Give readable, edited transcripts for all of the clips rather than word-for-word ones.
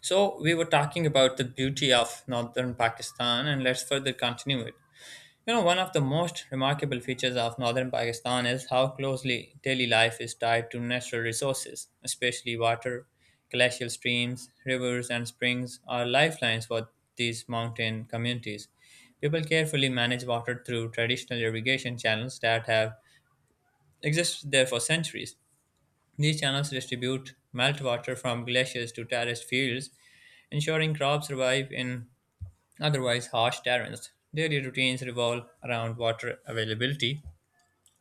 So we were talking about the beauty of northern Pakistan, and let's further continue it. You know, one of the most remarkable features of northern Pakistan is how closely daily life is tied to natural resources, especially water. Glacial streams, rivers, and springs are lifelines for these mountain communities. People carefully manage water through traditional irrigation channels that have existed there for centuries. These channels distribute meltwater from glaciers to terraced fields, ensuring crops survive in otherwise harsh terrains. Daily routines revolve around water availability.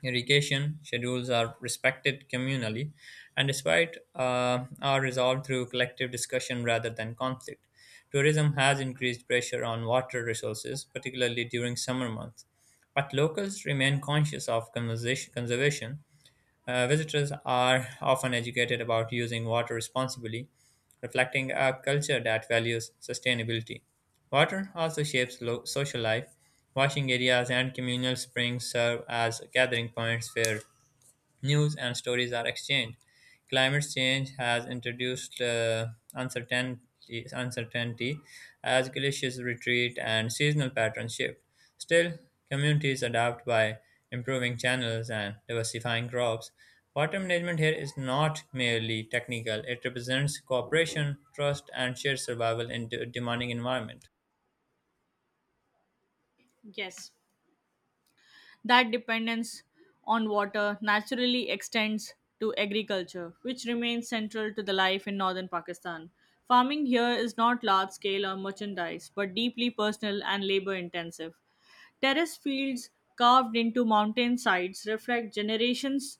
Irrigation schedules are respected communally and despite are resolved through collective discussion rather than conflict. Tourism has increased pressure on water resources, particularly during summer months, but locals remain conscious of conservation. Visitors are often educated about using water responsibly, reflecting a culture that values sustainability. Water also shapes social life. Washing areas and communal springs serve as gathering points where news and stories are exchanged. Climate change has introduced uncertainty as glaciers retreat and seasonal patterns shift. Still, communities adapt by improving channels and diversifying crops. Water management here is not merely technical, it represents cooperation, trust, and shared survival in demanding environment. Yes, that dependence on water naturally extends to agriculture, which remains central to the life in northern Pakistan. Farming here is not large scale or merchandise, but deeply personal and labor intensive. Terrace fields carved into mountain sides reflect generations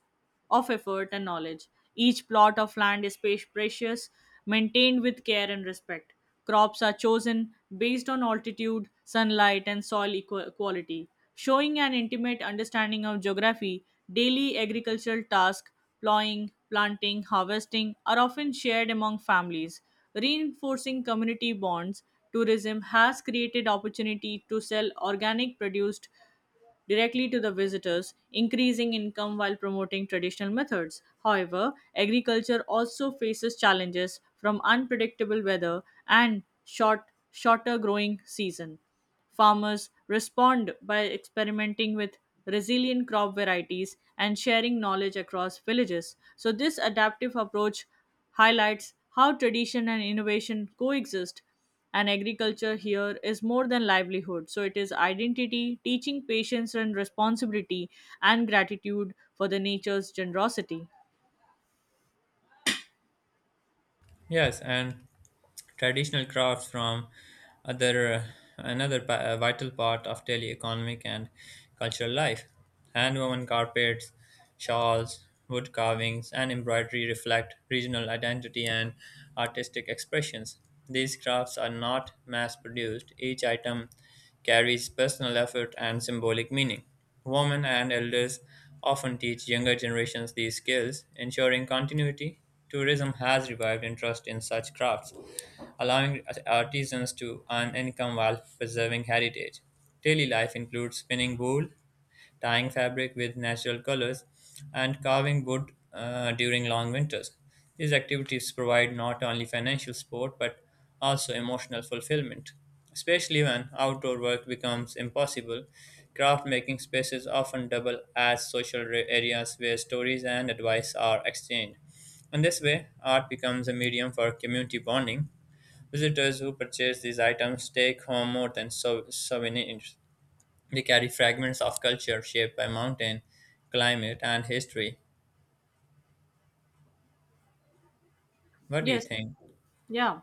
of effort and knowledge. Each plot of land is precious, maintained with care and respect. Crops are chosen based on altitude, sunlight, and soil quality, showing an intimate understanding of geography. Daily agricultural tasks, plowing, planting, harvesting, are often shared among families. Reinforcing community bonds, tourism has created opportunity to sell organic produced directly to the visitors, increasing income while promoting traditional methods. However, agriculture also faces challenges from unpredictable weather and shorter growing season. Farmers respond by experimenting with resilient crop varieties and sharing knowledge across villages. So, this adaptive approach highlights how tradition and innovation coexist. And agriculture here is more than livelihood. So, it is identity, teaching patience and responsibility, and gratitude for the nature's generosity. Yes, and traditional crafts from other another pa- vital part of daily economic and cultural life. Handwoven carpets, shawls, wood carvings, and embroidery reflect regional identity and artistic expressions. These crafts are not mass produced. Each item carries personal effort and symbolic meaning. Women and elders often teach younger generations these skills, ensuring continuity. Tourism has revived interest in such crafts, allowing artisans to earn income while preserving heritage. Daily life includes spinning wool, dyeing fabric with natural colors, and carving wood during long winters. These activities provide not only financial support but also emotional fulfillment. Especially when outdoor work becomes impossible, craft making spaces often double as social areas where stories and advice are exchanged. In this way, art becomes a medium for community bonding. Visitors who purchase these items take home more than souvenirs. They carry fragments of culture shaped by mountain, climate, and history. What do you Yes, think? yeah.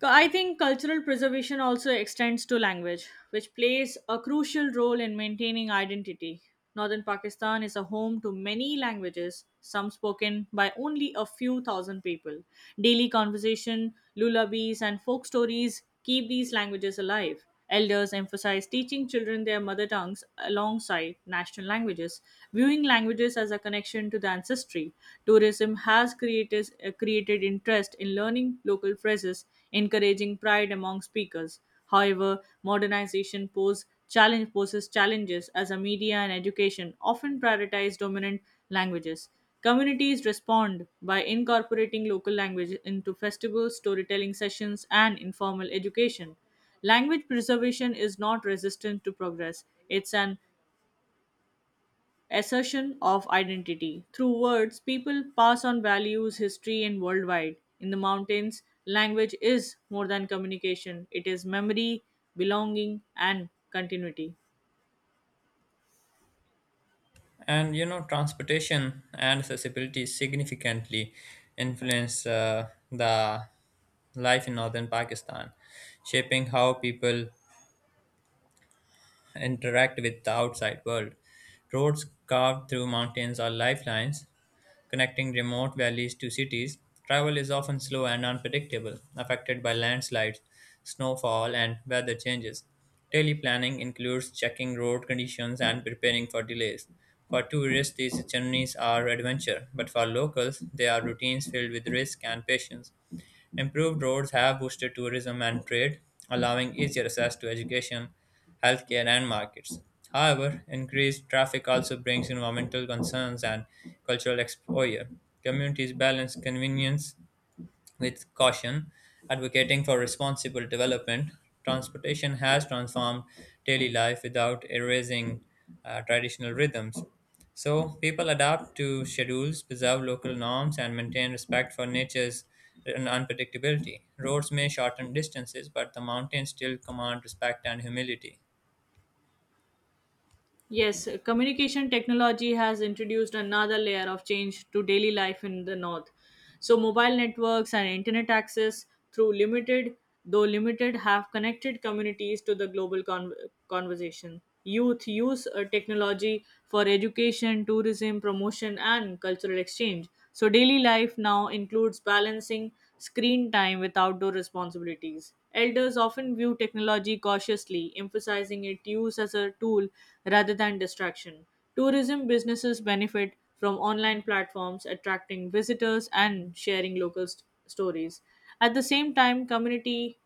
I think cultural preservation also extends to language, which plays a crucial role in maintaining identity. Northern Pakistan is a home to many languages, some spoken by only a few thousand people. Daily conversation, lullabies, and folk stories keep these languages alive. Elders emphasize teaching children their mother tongues alongside national languages, viewing languages as a connection to the ancestry. Tourism has created interest in learning local phrases, encouraging pride among speakers. However, modernization poses challenges as a media and education often prioritize dominant languages. Communities respond by incorporating local language into festivals, storytelling sessions, and informal education. Language preservation is not resistant to progress, it's an assertion of identity. Through words, people pass on values, history, and worldwide. In the mountains, language is more than communication, it is memory, belonging, and continuity. And you know, transportation and accessibility significantly influence the life in northern Pakistan, shaping how people interact with the outside world. Roads carved through mountains are lifelines, connecting remote valleys to cities. Travel is often slow and unpredictable, affected by landslides, snowfall, and weather changes. Daily planning includes checking road conditions and preparing for delays. For tourists, these journeys are adventure, but for locals, they are routines filled with risk and patience. Improved roads have boosted tourism and trade, allowing easier access to education, healthcare, and markets. However, increased traffic also brings environmental concerns and cultural exposure. Communities balance convenience with caution, advocating for responsible development. Transportation has transformed daily life without erasing traditional rhythms. So, people adapt to schedules, preserve local norms, and maintain respect for nature's unpredictability. Roads may shorten distances, but the mountains still command respect and humility. Yes, communication technology has introduced another layer of change to daily life in the north. So mobile networks and internet access through limited though limited have connected communities to the global conversation. Youth use technology for education, tourism, promotion and cultural exchange. So daily life now includes balancing screen time with outdoor responsibilities. Elders often view technology cautiously, emphasizing its use as a tool rather than distraction. Tourism businesses benefit from online platforms attracting visitors and sharing local stories. At the same time, community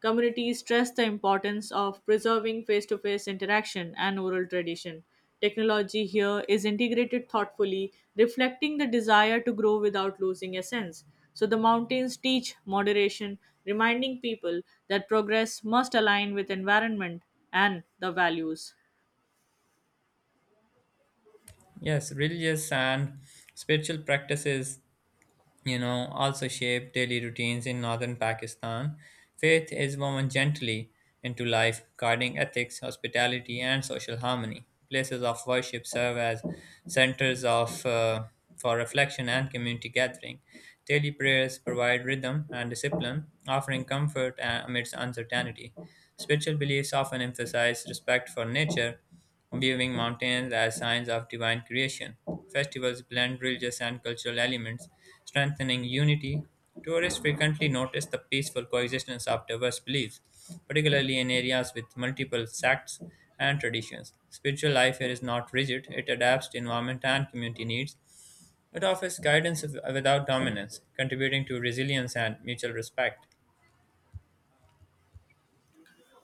Communities stress the importance of preserving face to face interaction and oral tradition. Technology here is integrated thoughtfully, reflecting the desire to grow without losing essence. So the mountains teach moderation, reminding people that progress must align with environment and the values. Yes, religious and spiritual practices, you know, also shape daily routines in northern Pakistan. Faith is woven gently into life, guarding ethics, hospitality, and social harmony. Places of worship serve as centers of for reflection and community gathering. Daily prayers provide rhythm and discipline, offering comfort amidst uncertainty. Spiritual beliefs often emphasize respect for nature, viewing mountains as signs of divine creation. Festivals blend religious and cultural elements, strengthening unity. Tourists frequently notice the peaceful coexistence of diverse beliefs, particularly in areas with multiple sects and traditions. Spiritual life here is not rigid, it adapts to environment and community needs. It offers guidance without dominance, contributing to resilience and mutual respect.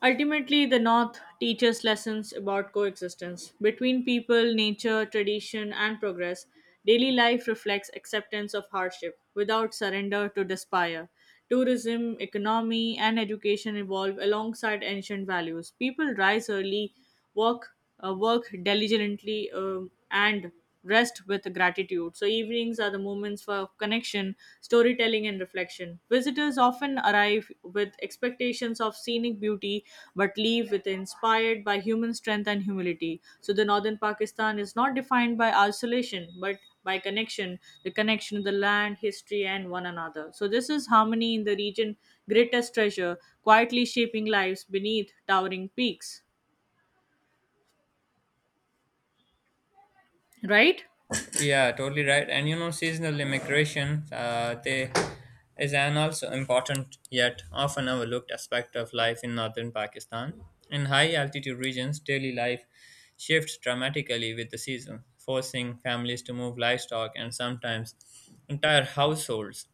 Ultimately, the North teaches lessons about coexistence between people, nature, tradition, and progress. Daily life reflects acceptance of hardship without surrender to despair. Tourism, economy, and education evolve alongside ancient values. People rise early, work, work diligently, and rest with gratitude. So, evenings are the moments for connection, storytelling, and reflection. Visitors often arrive with expectations of scenic beauty but leave with inspired by human strength and humility. So, the northern Pakistan is not defined by isolation but by connection, the connection to the land, history, and one another. So, this is harmony in the region, greatest treasure, quietly shaping lives beneath towering peaks. Right? Yeah, totally right. And you know, seasonal immigration, they is an also important yet often overlooked aspect of life in northern Pakistan. In high altitude regions, daily life shifts dramatically with the season, forcing families to move livestock and sometimes entire households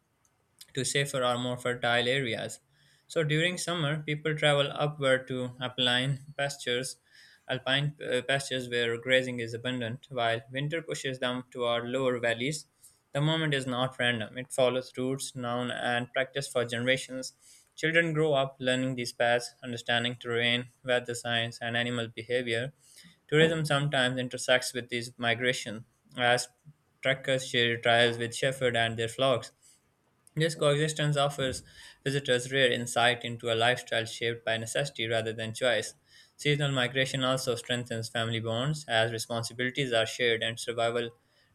to safer or more fertile areas. So during summer, people travel upward to alpine pastures where grazing is abundant, while winter pushes them toward lower valleys. The movement is not random; it follows roots, known, and practiced for generations. Children grow up learning these paths, understanding terrain, weather science, and animal behavior. Tourism sometimes intersects with these migration, as trekkers share trails with shepherds and their flocks. This coexistence offers visitors rare insight into a lifestyle shaped by necessity rather than choice. Seasonal migration also strengthens family bonds as responsibilities are shared and survival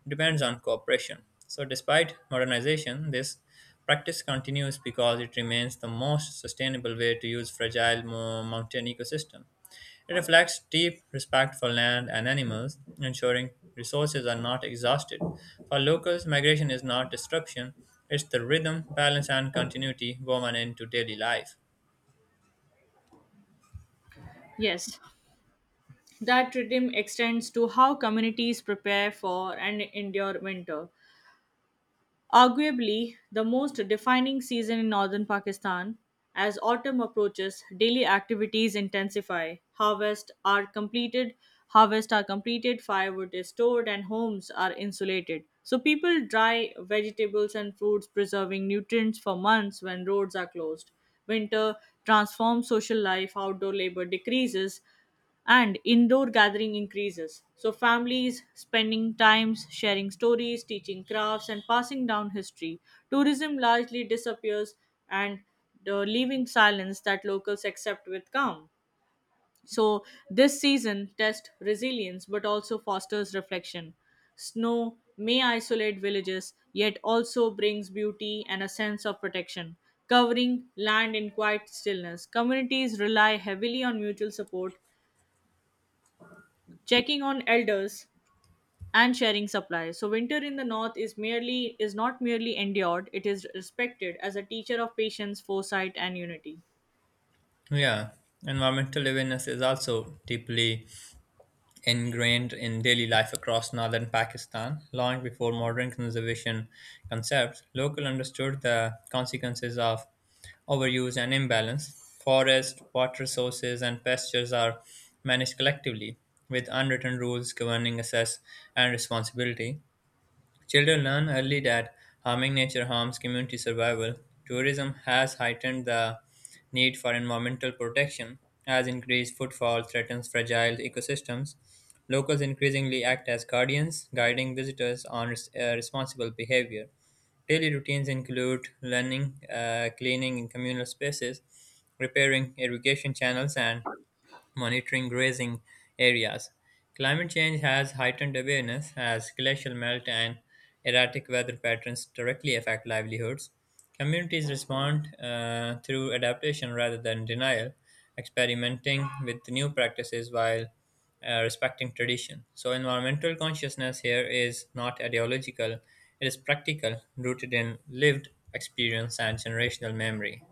depends on cooperation. So, despite modernization, this practice continues because it remains the most sustainable way to use fragile mountain ecosystem. It reflects deep respect for land and animals, ensuring resources are not exhausted. For locals, migration is not disruption, it's the rhythm, balance, and continuity woven into daily life. Yes. That rhythm extends to how communities prepare for and endure winter, arguably the most defining season in northern Pakistan. As autumn approaches, daily activities intensify. Harvest are completed, firewood is stored, and homes are insulated. So people dry vegetables and fruits, preserving nutrients for months when roads are closed. Winter transforms social life, outdoor labor decreases, and indoor gathering increases. So, families spending times sharing stories, teaching crafts, and passing down history. Tourism largely disappears and leaving silence that locals accept with calm. So, this season tests resilience but also fosters reflection. Snow may isolate villages, yet also brings beauty and a sense of protection, covering land in quiet stillness. Communities rely heavily on mutual support, checking on elders and sharing supplies. So winter in the north is not merely endured, it is respected as a teacher of patience, foresight and unity. Yeah, environmental awareness is also deeply ingrained in daily life across northern Pakistan. Long before modern conservation concepts, locals understood the consequences of overuse and imbalance. Forest, water sources, and pastures are managed collectively, with unwritten rules governing access and responsibility. Children learn early that harming nature harms community survival. Tourism has heightened the need for environmental protection, as increased footfall threatens fragile ecosystems. Locals increasingly act as guardians, guiding visitors on responsible behavior. Daily routines include learning, cleaning in communal spaces, repairing irrigation channels, and monitoring grazing areas. Climate change has heightened awareness as glacial melt and erratic weather patterns directly affect livelihoods. Communities respond through adaptation rather than denial, experimenting with new practices while respecting tradition. So, environmental consciousness here is not ideological, it is practical, rooted in lived experience and generational memory.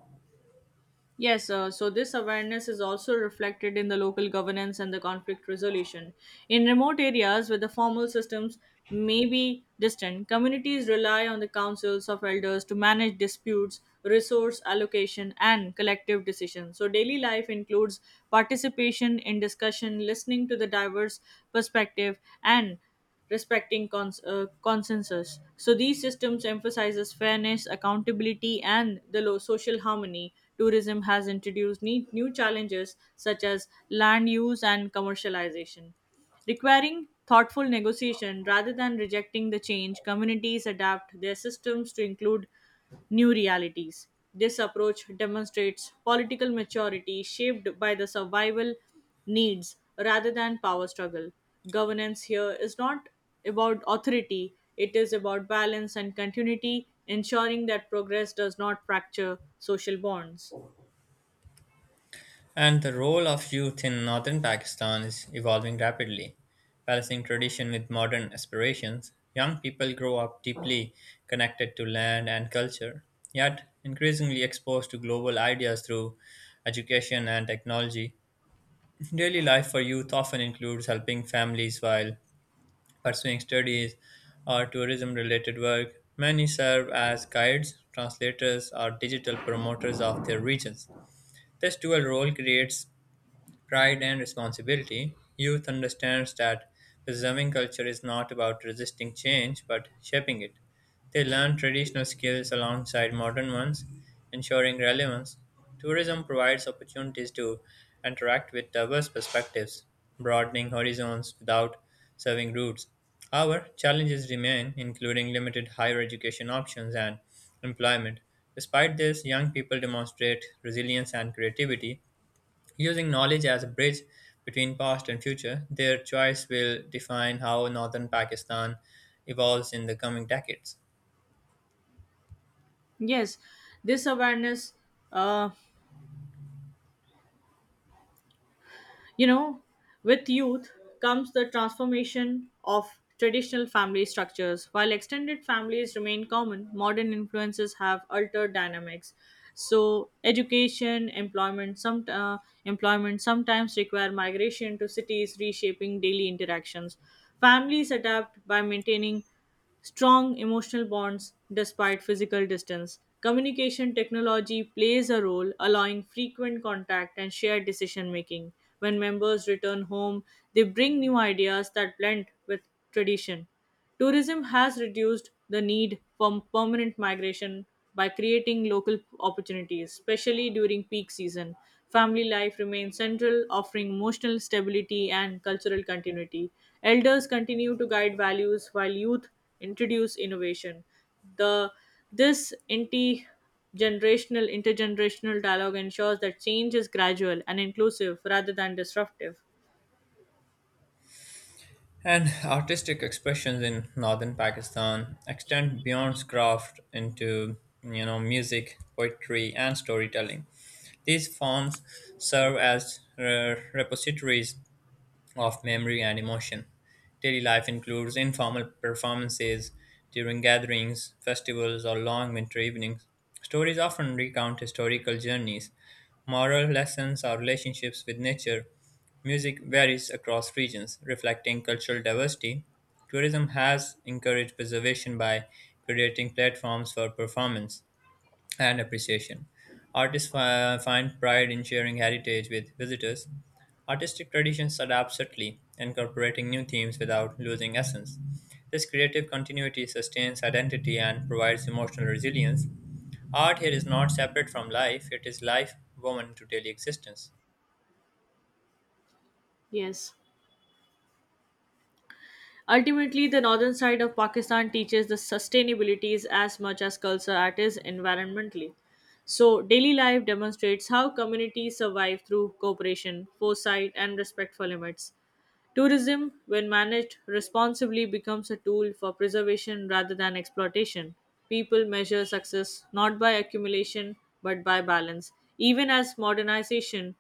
Yes, so this awareness is also reflected in the local governance and the conflict resolution. In remote areas where the formal systems may be distant, communities rely on the councils of elders to manage disputes, resource allocation, and collective decisions. So, daily life includes participation in discussion, listening to the diverse perspective, and respecting consensus. So these systems emphasizes fairness, accountability, and the low social harmony. Tourism has introduced new challenges such as land use and commercialization. Requiring thoughtful negotiation rather than rejecting the change, communities adapt their systems to include new realities. This approach demonstrates political maturity shaped by the survival needs rather than power struggle. Governance here is not about authority, it is about balance and continuity, ensuring that progress does not fracture social bonds. And the role of youth in northern Pakistan is evolving rapidly. Balancing tradition with modern aspirations, young people grow up deeply connected to land and culture, yet increasingly exposed to global ideas through education and technology. Daily life for youth often includes helping families while pursuing studies or tourism related work. Many serve as guides, translators, or digital promoters of their regions. This dual role creates pride and responsibility. Youth understands that preserving culture is not about resisting change but shaping it. They learn traditional skills alongside modern ones, ensuring relevance. Tourism provides opportunities to interact with diverse perspectives, broadening horizons without serving roots. However, challenges remain, including limited higher education options and employment. Despite this, young people demonstrate resilience and creativity, using knowledge as a bridge between past and future. Their choice will define how northern Pakistan evolves in the coming decades. Yes, this awareness. uh, You know, with youth comes the transformation of traditional family structures. While extended families remain common, modern influences have altered dynamics. So, education, employment sometimes require migration to cities, reshaping daily interactions. Families adapt by maintaining strong emotional bonds despite physical distance. Communication technology plays a role, allowing frequent contact and shared decision making. When members return home, they bring new ideas that blend with tradition. Tourism has reduced the need for permanent migration by creating local opportunities, especially during peak season. Family life remains central, offering emotional stability and cultural continuity. Elders continue to guide values while youth introduce innovation. The this anti generational Intergenerational dialogue ensures that change is gradual and inclusive rather than disruptive. And artistic expressions in northern Pakistan extend beyond craft into, you know, music, poetry, and storytelling. These forms serve as repositories of memory and emotion. Daily life includes informal performances during gatherings, festivals, or long winter evenings. Stories often recount historical journeys, moral lessons, or relationships with nature. Music varies across regions, reflecting cultural diversity. Tourism has encouraged preservation by creating platforms for performance and appreciation. Artists find pride in sharing heritage with visitors. Artistic traditions adapt subtly, incorporating new themes without losing essence. This creative continuity sustains identity and provides emotional resilience. Art here is not separate from life, it is life woven into daily existence. Yes. Ultimately, the northern side of Pakistan teaches the sustainabilities as much as culture at it is environmentally. So, daily life demonstrates how communities survive through cooperation, foresight, and respect for limits. Tourism, when managed responsibly, becomes a tool for preservation rather than exploitation. People measure success not by accumulation but by balance. Even as modernization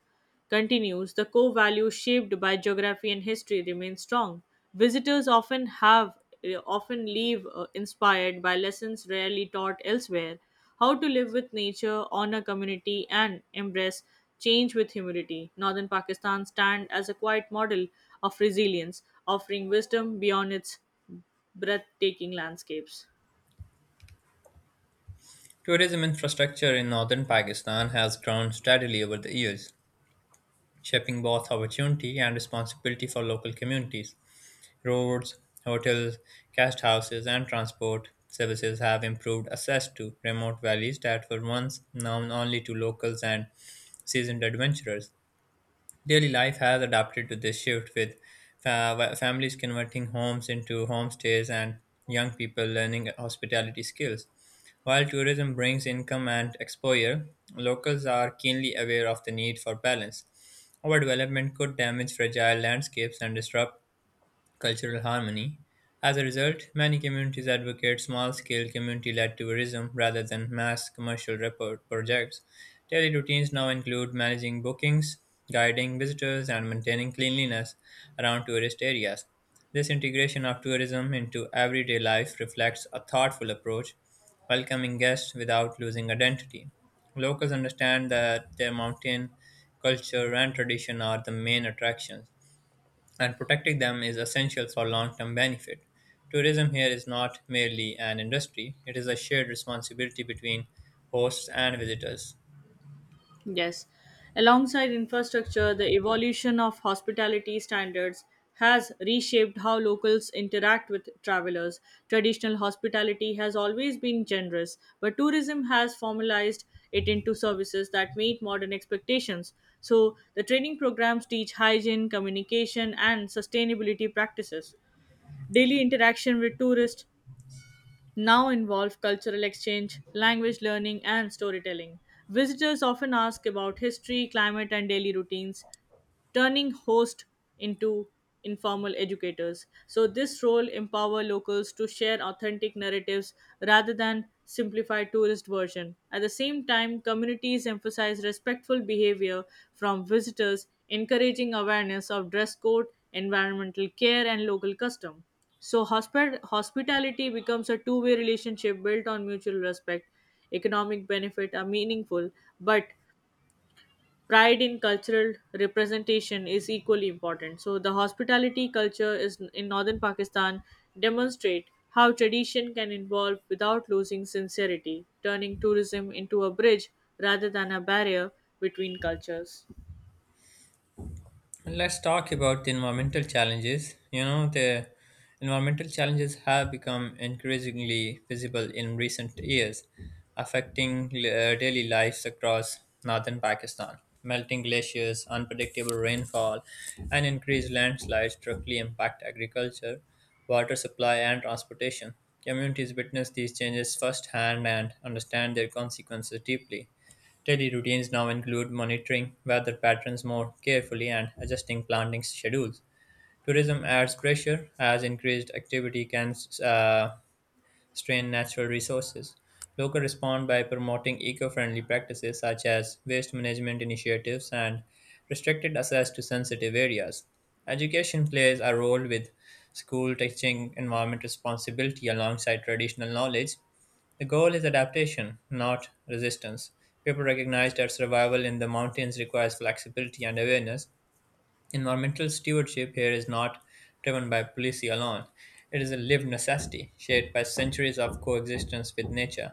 continues, the core values shaped by geography and history remain strong. Visitors often leave inspired by lessons rarely taught elsewhere. How to live with nature, honor community, and embrace change with humility. Northern Pakistan stands as a quiet model of resilience, offering wisdom beyond its breathtaking landscapes. Tourism infrastructure in northern Pakistan has grown steadily over the years, shaping both opportunity and responsibility for local communities. Roads, hotels, guest houses, and transport services have improved access to remote valleys that were once known only to locals and seasoned adventurers. Daily life has adapted to this shift, with families converting homes into homestays and young people learning hospitality skills. While tourism brings income and exposure, locals are keenly aware of the need for balance. Overdevelopment could damage fragile landscapes and disrupt cultural harmony. As a result, many communities advocate small scale community led tourism rather than mass commercial projects. Daily routines now include managing bookings, guiding visitors, and maintaining cleanliness around tourist areas. This integration of tourism into everyday life reflects a thoughtful approach, welcoming guests without losing identity. Locals understand that their mountain culture and tradition are the main attractions and protecting them is essential for long term benefit. Tourism here is not merely an industry, it is a shared responsibility between hosts and visitors. Yes. Alongside infrastructure, the evolution of hospitality standards has reshaped how locals interact with travelers. Traditional hospitality has always been generous, but tourism has formalized it into services that meet modern expectations. So, the training programs teach hygiene, communication, and sustainability practices. Daily interaction with tourists now involve cultural exchange, language learning, and storytelling. Visitors often ask about history, climate, and daily routines, turning host into informal educators. So this role empower locals to share authentic narratives rather than simplify tourist version. At the same time, communities emphasize respectful behavior from visitors, encouraging awareness of dress code, environmental care and local custom. So hospitality becomes a two-way relationship built on mutual respect. Economic benefit are meaningful, but pride in cultural representation is equally important. So the hospitality culture is in northern Pakistan demonstrate how tradition can evolve without losing sincerity, turning tourism into a bridge rather than a barrier between cultures. Let's talk about the environmental challenges. You know, the environmental challenges have become increasingly visible in recent years, affecting daily lives across northern Pakistan. Melting glaciers, unpredictable rainfall, and increased landslides directly impact agriculture, water supply, and transportation. Communities witness these changes firsthand and understand their consequences deeply. Daily routines now include monitoring weather patterns more carefully and adjusting planting schedules. Tourism adds pressure as increased activity can uh, strain natural resources. Locals respond by promoting eco friendly practices such as waste management initiatives and restricted access to sensitive areas. Education plays a role with school teaching environment responsibility alongside traditional knowledge. The goal is adaptation, not resistance. People recognize that survival in the mountains requires flexibility and awareness. Environmental stewardship here is not driven by policy alone. It is a lived necessity shaped by centuries of coexistence with nature.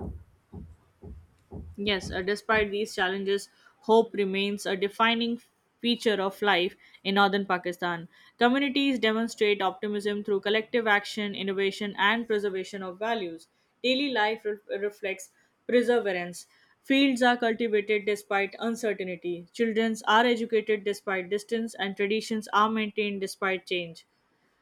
Yes, despite these challenges, hope remains a defining feature of life in northern Pakistan. Communities demonstrate optimism through collective action, innovation, and preservation of values. Daily life reflects perseverance. Fields are cultivated despite uncertainty. Children are educated despite distance, and traditions are maintained despite change.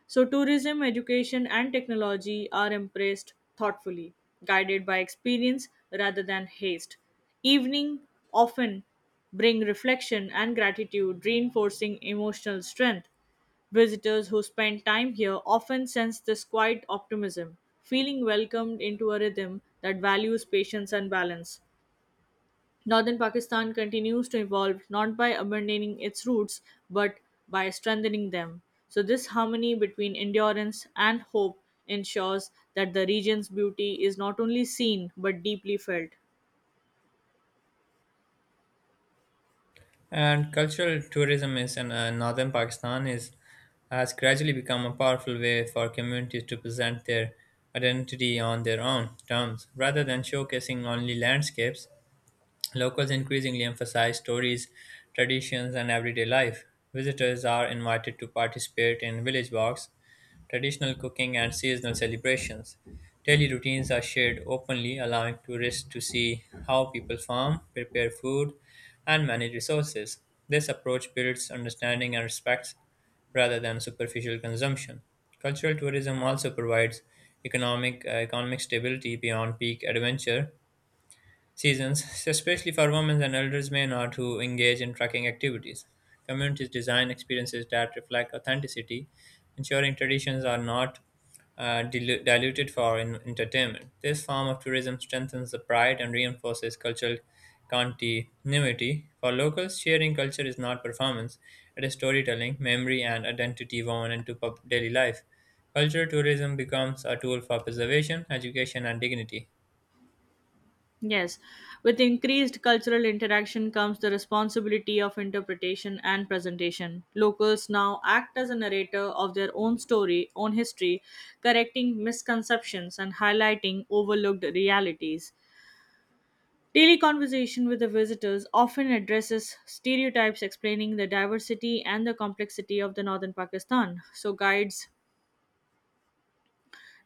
So, tourism, education, and technology are embraced thoughtfully, guided by experience rather than haste. Evening often bring reflection and gratitude, reinforcing emotional strength. Visitors who spend time here often sense this quiet optimism, feeling welcomed into a rhythm that values patience and balance. Northern Pakistan continues to evolve not by abandoning its roots but by strengthening them. So, this harmony between endurance and hope ensures that the region's beauty is not only seen but deeply felt. And cultural tourism is in northern Pakistan is has gradually become a powerful way for communities to present their identity on their own terms rather than showcasing only landscapes. Locals increasingly emphasize stories, traditions, and everyday life. Visitors are invited to participate in village walks, traditional cooking, and seasonal celebrations. Daily routines are shared openly, allowing tourists to see how people farm, prepare food, and manage resources. This approach builds understanding and respect rather than superficial consumption. Cultural tourism also provides economic stability beyond peak adventure seasons, especially for women and elders may not who engage in trekking activities. Communities design experiences that reflect authenticity, ensuring traditions are not diluted for entertainment. This form of tourism strengthens the pride and reinforces cultural continuity. For locals, sharing culture is not performance, it is storytelling, memory, and identity woven into daily life. Cultural tourism becomes a tool for preservation, education, and dignity. Yes, with increased cultural interaction comes the responsibility of interpretation and presentation. Locals now act as a narrator of their own story, own history, correcting misconceptions and highlighting overlooked realities. Daily conversation with the visitors often addresses stereotypes, explaining the diversity and the complexity of the northern Pakistan. So guides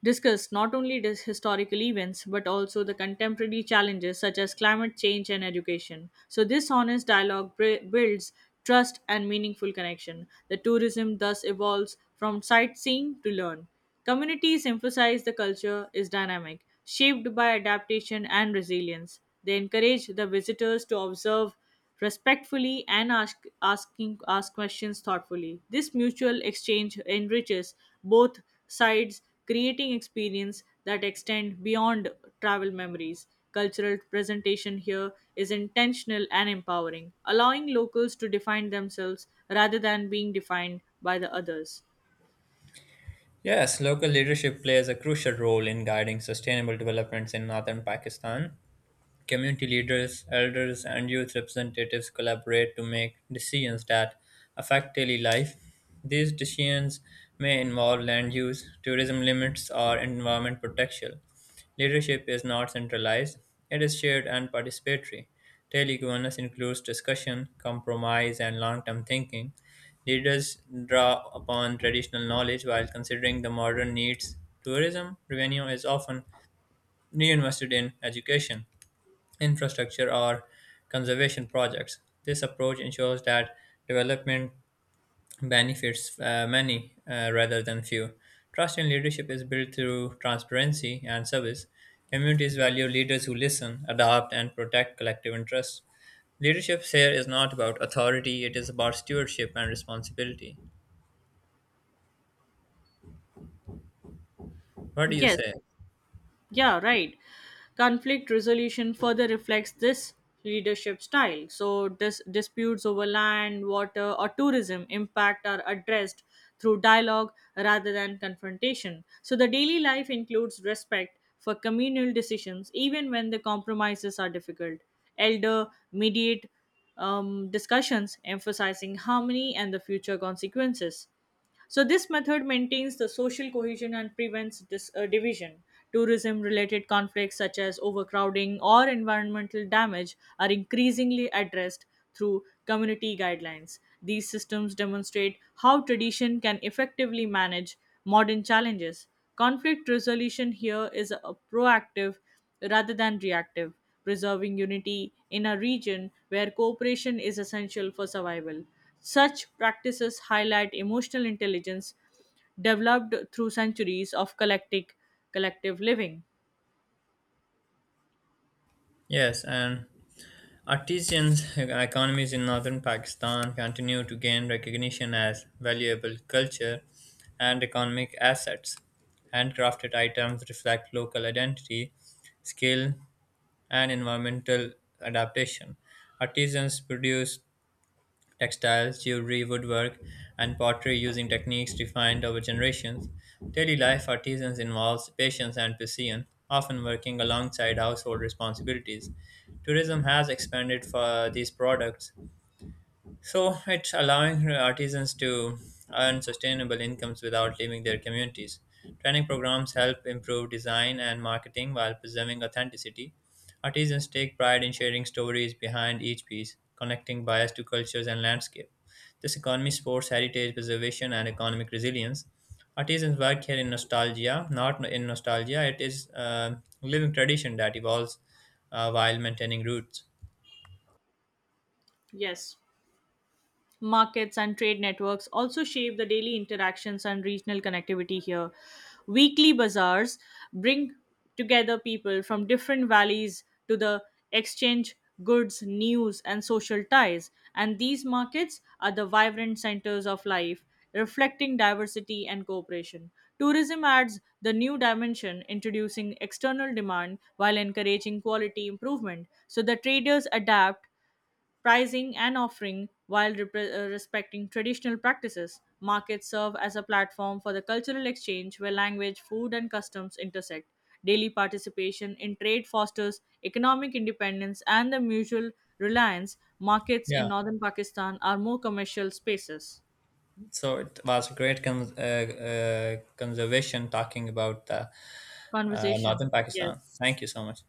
discussed not only these historical events but also the contemporary challenges such as climate change and education. So, this honest dialogue builds trust and meaningful connection. The tourism thus evolves from sightseeing to learn. Communities emphasize the culture is dynamic, shaped by adaptation and resilience. They encourage the visitors to observe respectfully and ask questions thoughtfully. This mutual exchange enriches both sides, creating experience that extend beyond travel memories. Cultural presentation here is intentional and empowering, allowing locals to define themselves rather than being defined by the others. Yes, local leadership plays a crucial role in guiding sustainable developments in northern Pakistan. Community leaders, elders, and youth representatives collaborate to make decisions that affect daily life. These decisions may involve land use, tourism limits, or environment protection. Leadership is not centralized, it is shared and participatory. Daily governance includes discussion, compromise, and long term thinking. Leaders draw upon traditional knowledge while considering the modern needs. Tourism revenue is often reinvested in education infrastructure or conservation projects. This approach ensures that development benefits many, rather than few. Trust in leadership is built through transparency and service. Communities value leaders who listen, adapt, and protect collective interests. Leadership here is not about authority, it is about stewardship and responsibility. What do you Yes. say? Yeah, right. Conflict resolution further reflects this leadership style. So, disputes over land, water, or tourism impact are addressed through dialogue rather than confrontation. So, the daily life includes respect for communal decisions, even when the compromises are difficult. Elder mediate discussions emphasizing harmony and the future consequences. So this method maintains the social cohesion and prevents division. Tourism related conflicts such as overcrowding or environmental damage are increasingly addressed through community guidelines. These systems demonstrate how tradition can effectively manage modern challenges. Conflict resolution here is a proactive rather than reactive, preserving unity in a region where cooperation is essential for survival. Such practices highlight emotional intelligence developed through centuries of collective living. Yes, and artisans' economies in northern Pakistan continue to gain recognition as valuable culture and economic assets. Handcrafted items reflect local identity, skill, and environmental adaptation. Artisans produce textiles, jewelry, woodwork, and pottery using techniques refined over generations. Daily life artisans involves patience and precision, often working alongside household responsibilities. Tourism has expanded for these products, so it's allowing artisans to earn sustainable incomes without leaving their communities. Training programs help improve design and marketing while preserving authenticity. Artisans take pride in sharing stories behind each piece, connecting buyers to cultures and landscape. This economy supports heritage preservation and economic resilience. Artisans work here in nostalgia, not in nostalgia. It is a living tradition that evolves while maintaining roots. Yes. Markets and trade networks also shape the daily interactions and regional connectivity here. Weekly bazaars bring together people from different valleys to the exchange goods, news, and social ties. And these markets are the vibrant centers of life, reflecting diversity and cooperation. Tourism adds the new dimension, introducing external demand while encouraging quality improvement. So the traders adapt pricing and offering while respecting traditional practices. Markets serve as a platform for the cultural exchange where language, food, and customs intersect. Daily participation in trade fosters economic independence and the mutual reliance. Markets Yeah, in northern Pakistan are more commercial spaces. so it was a great conservation talking about Conversation. northern Pakistan. Yes. Thank you so much.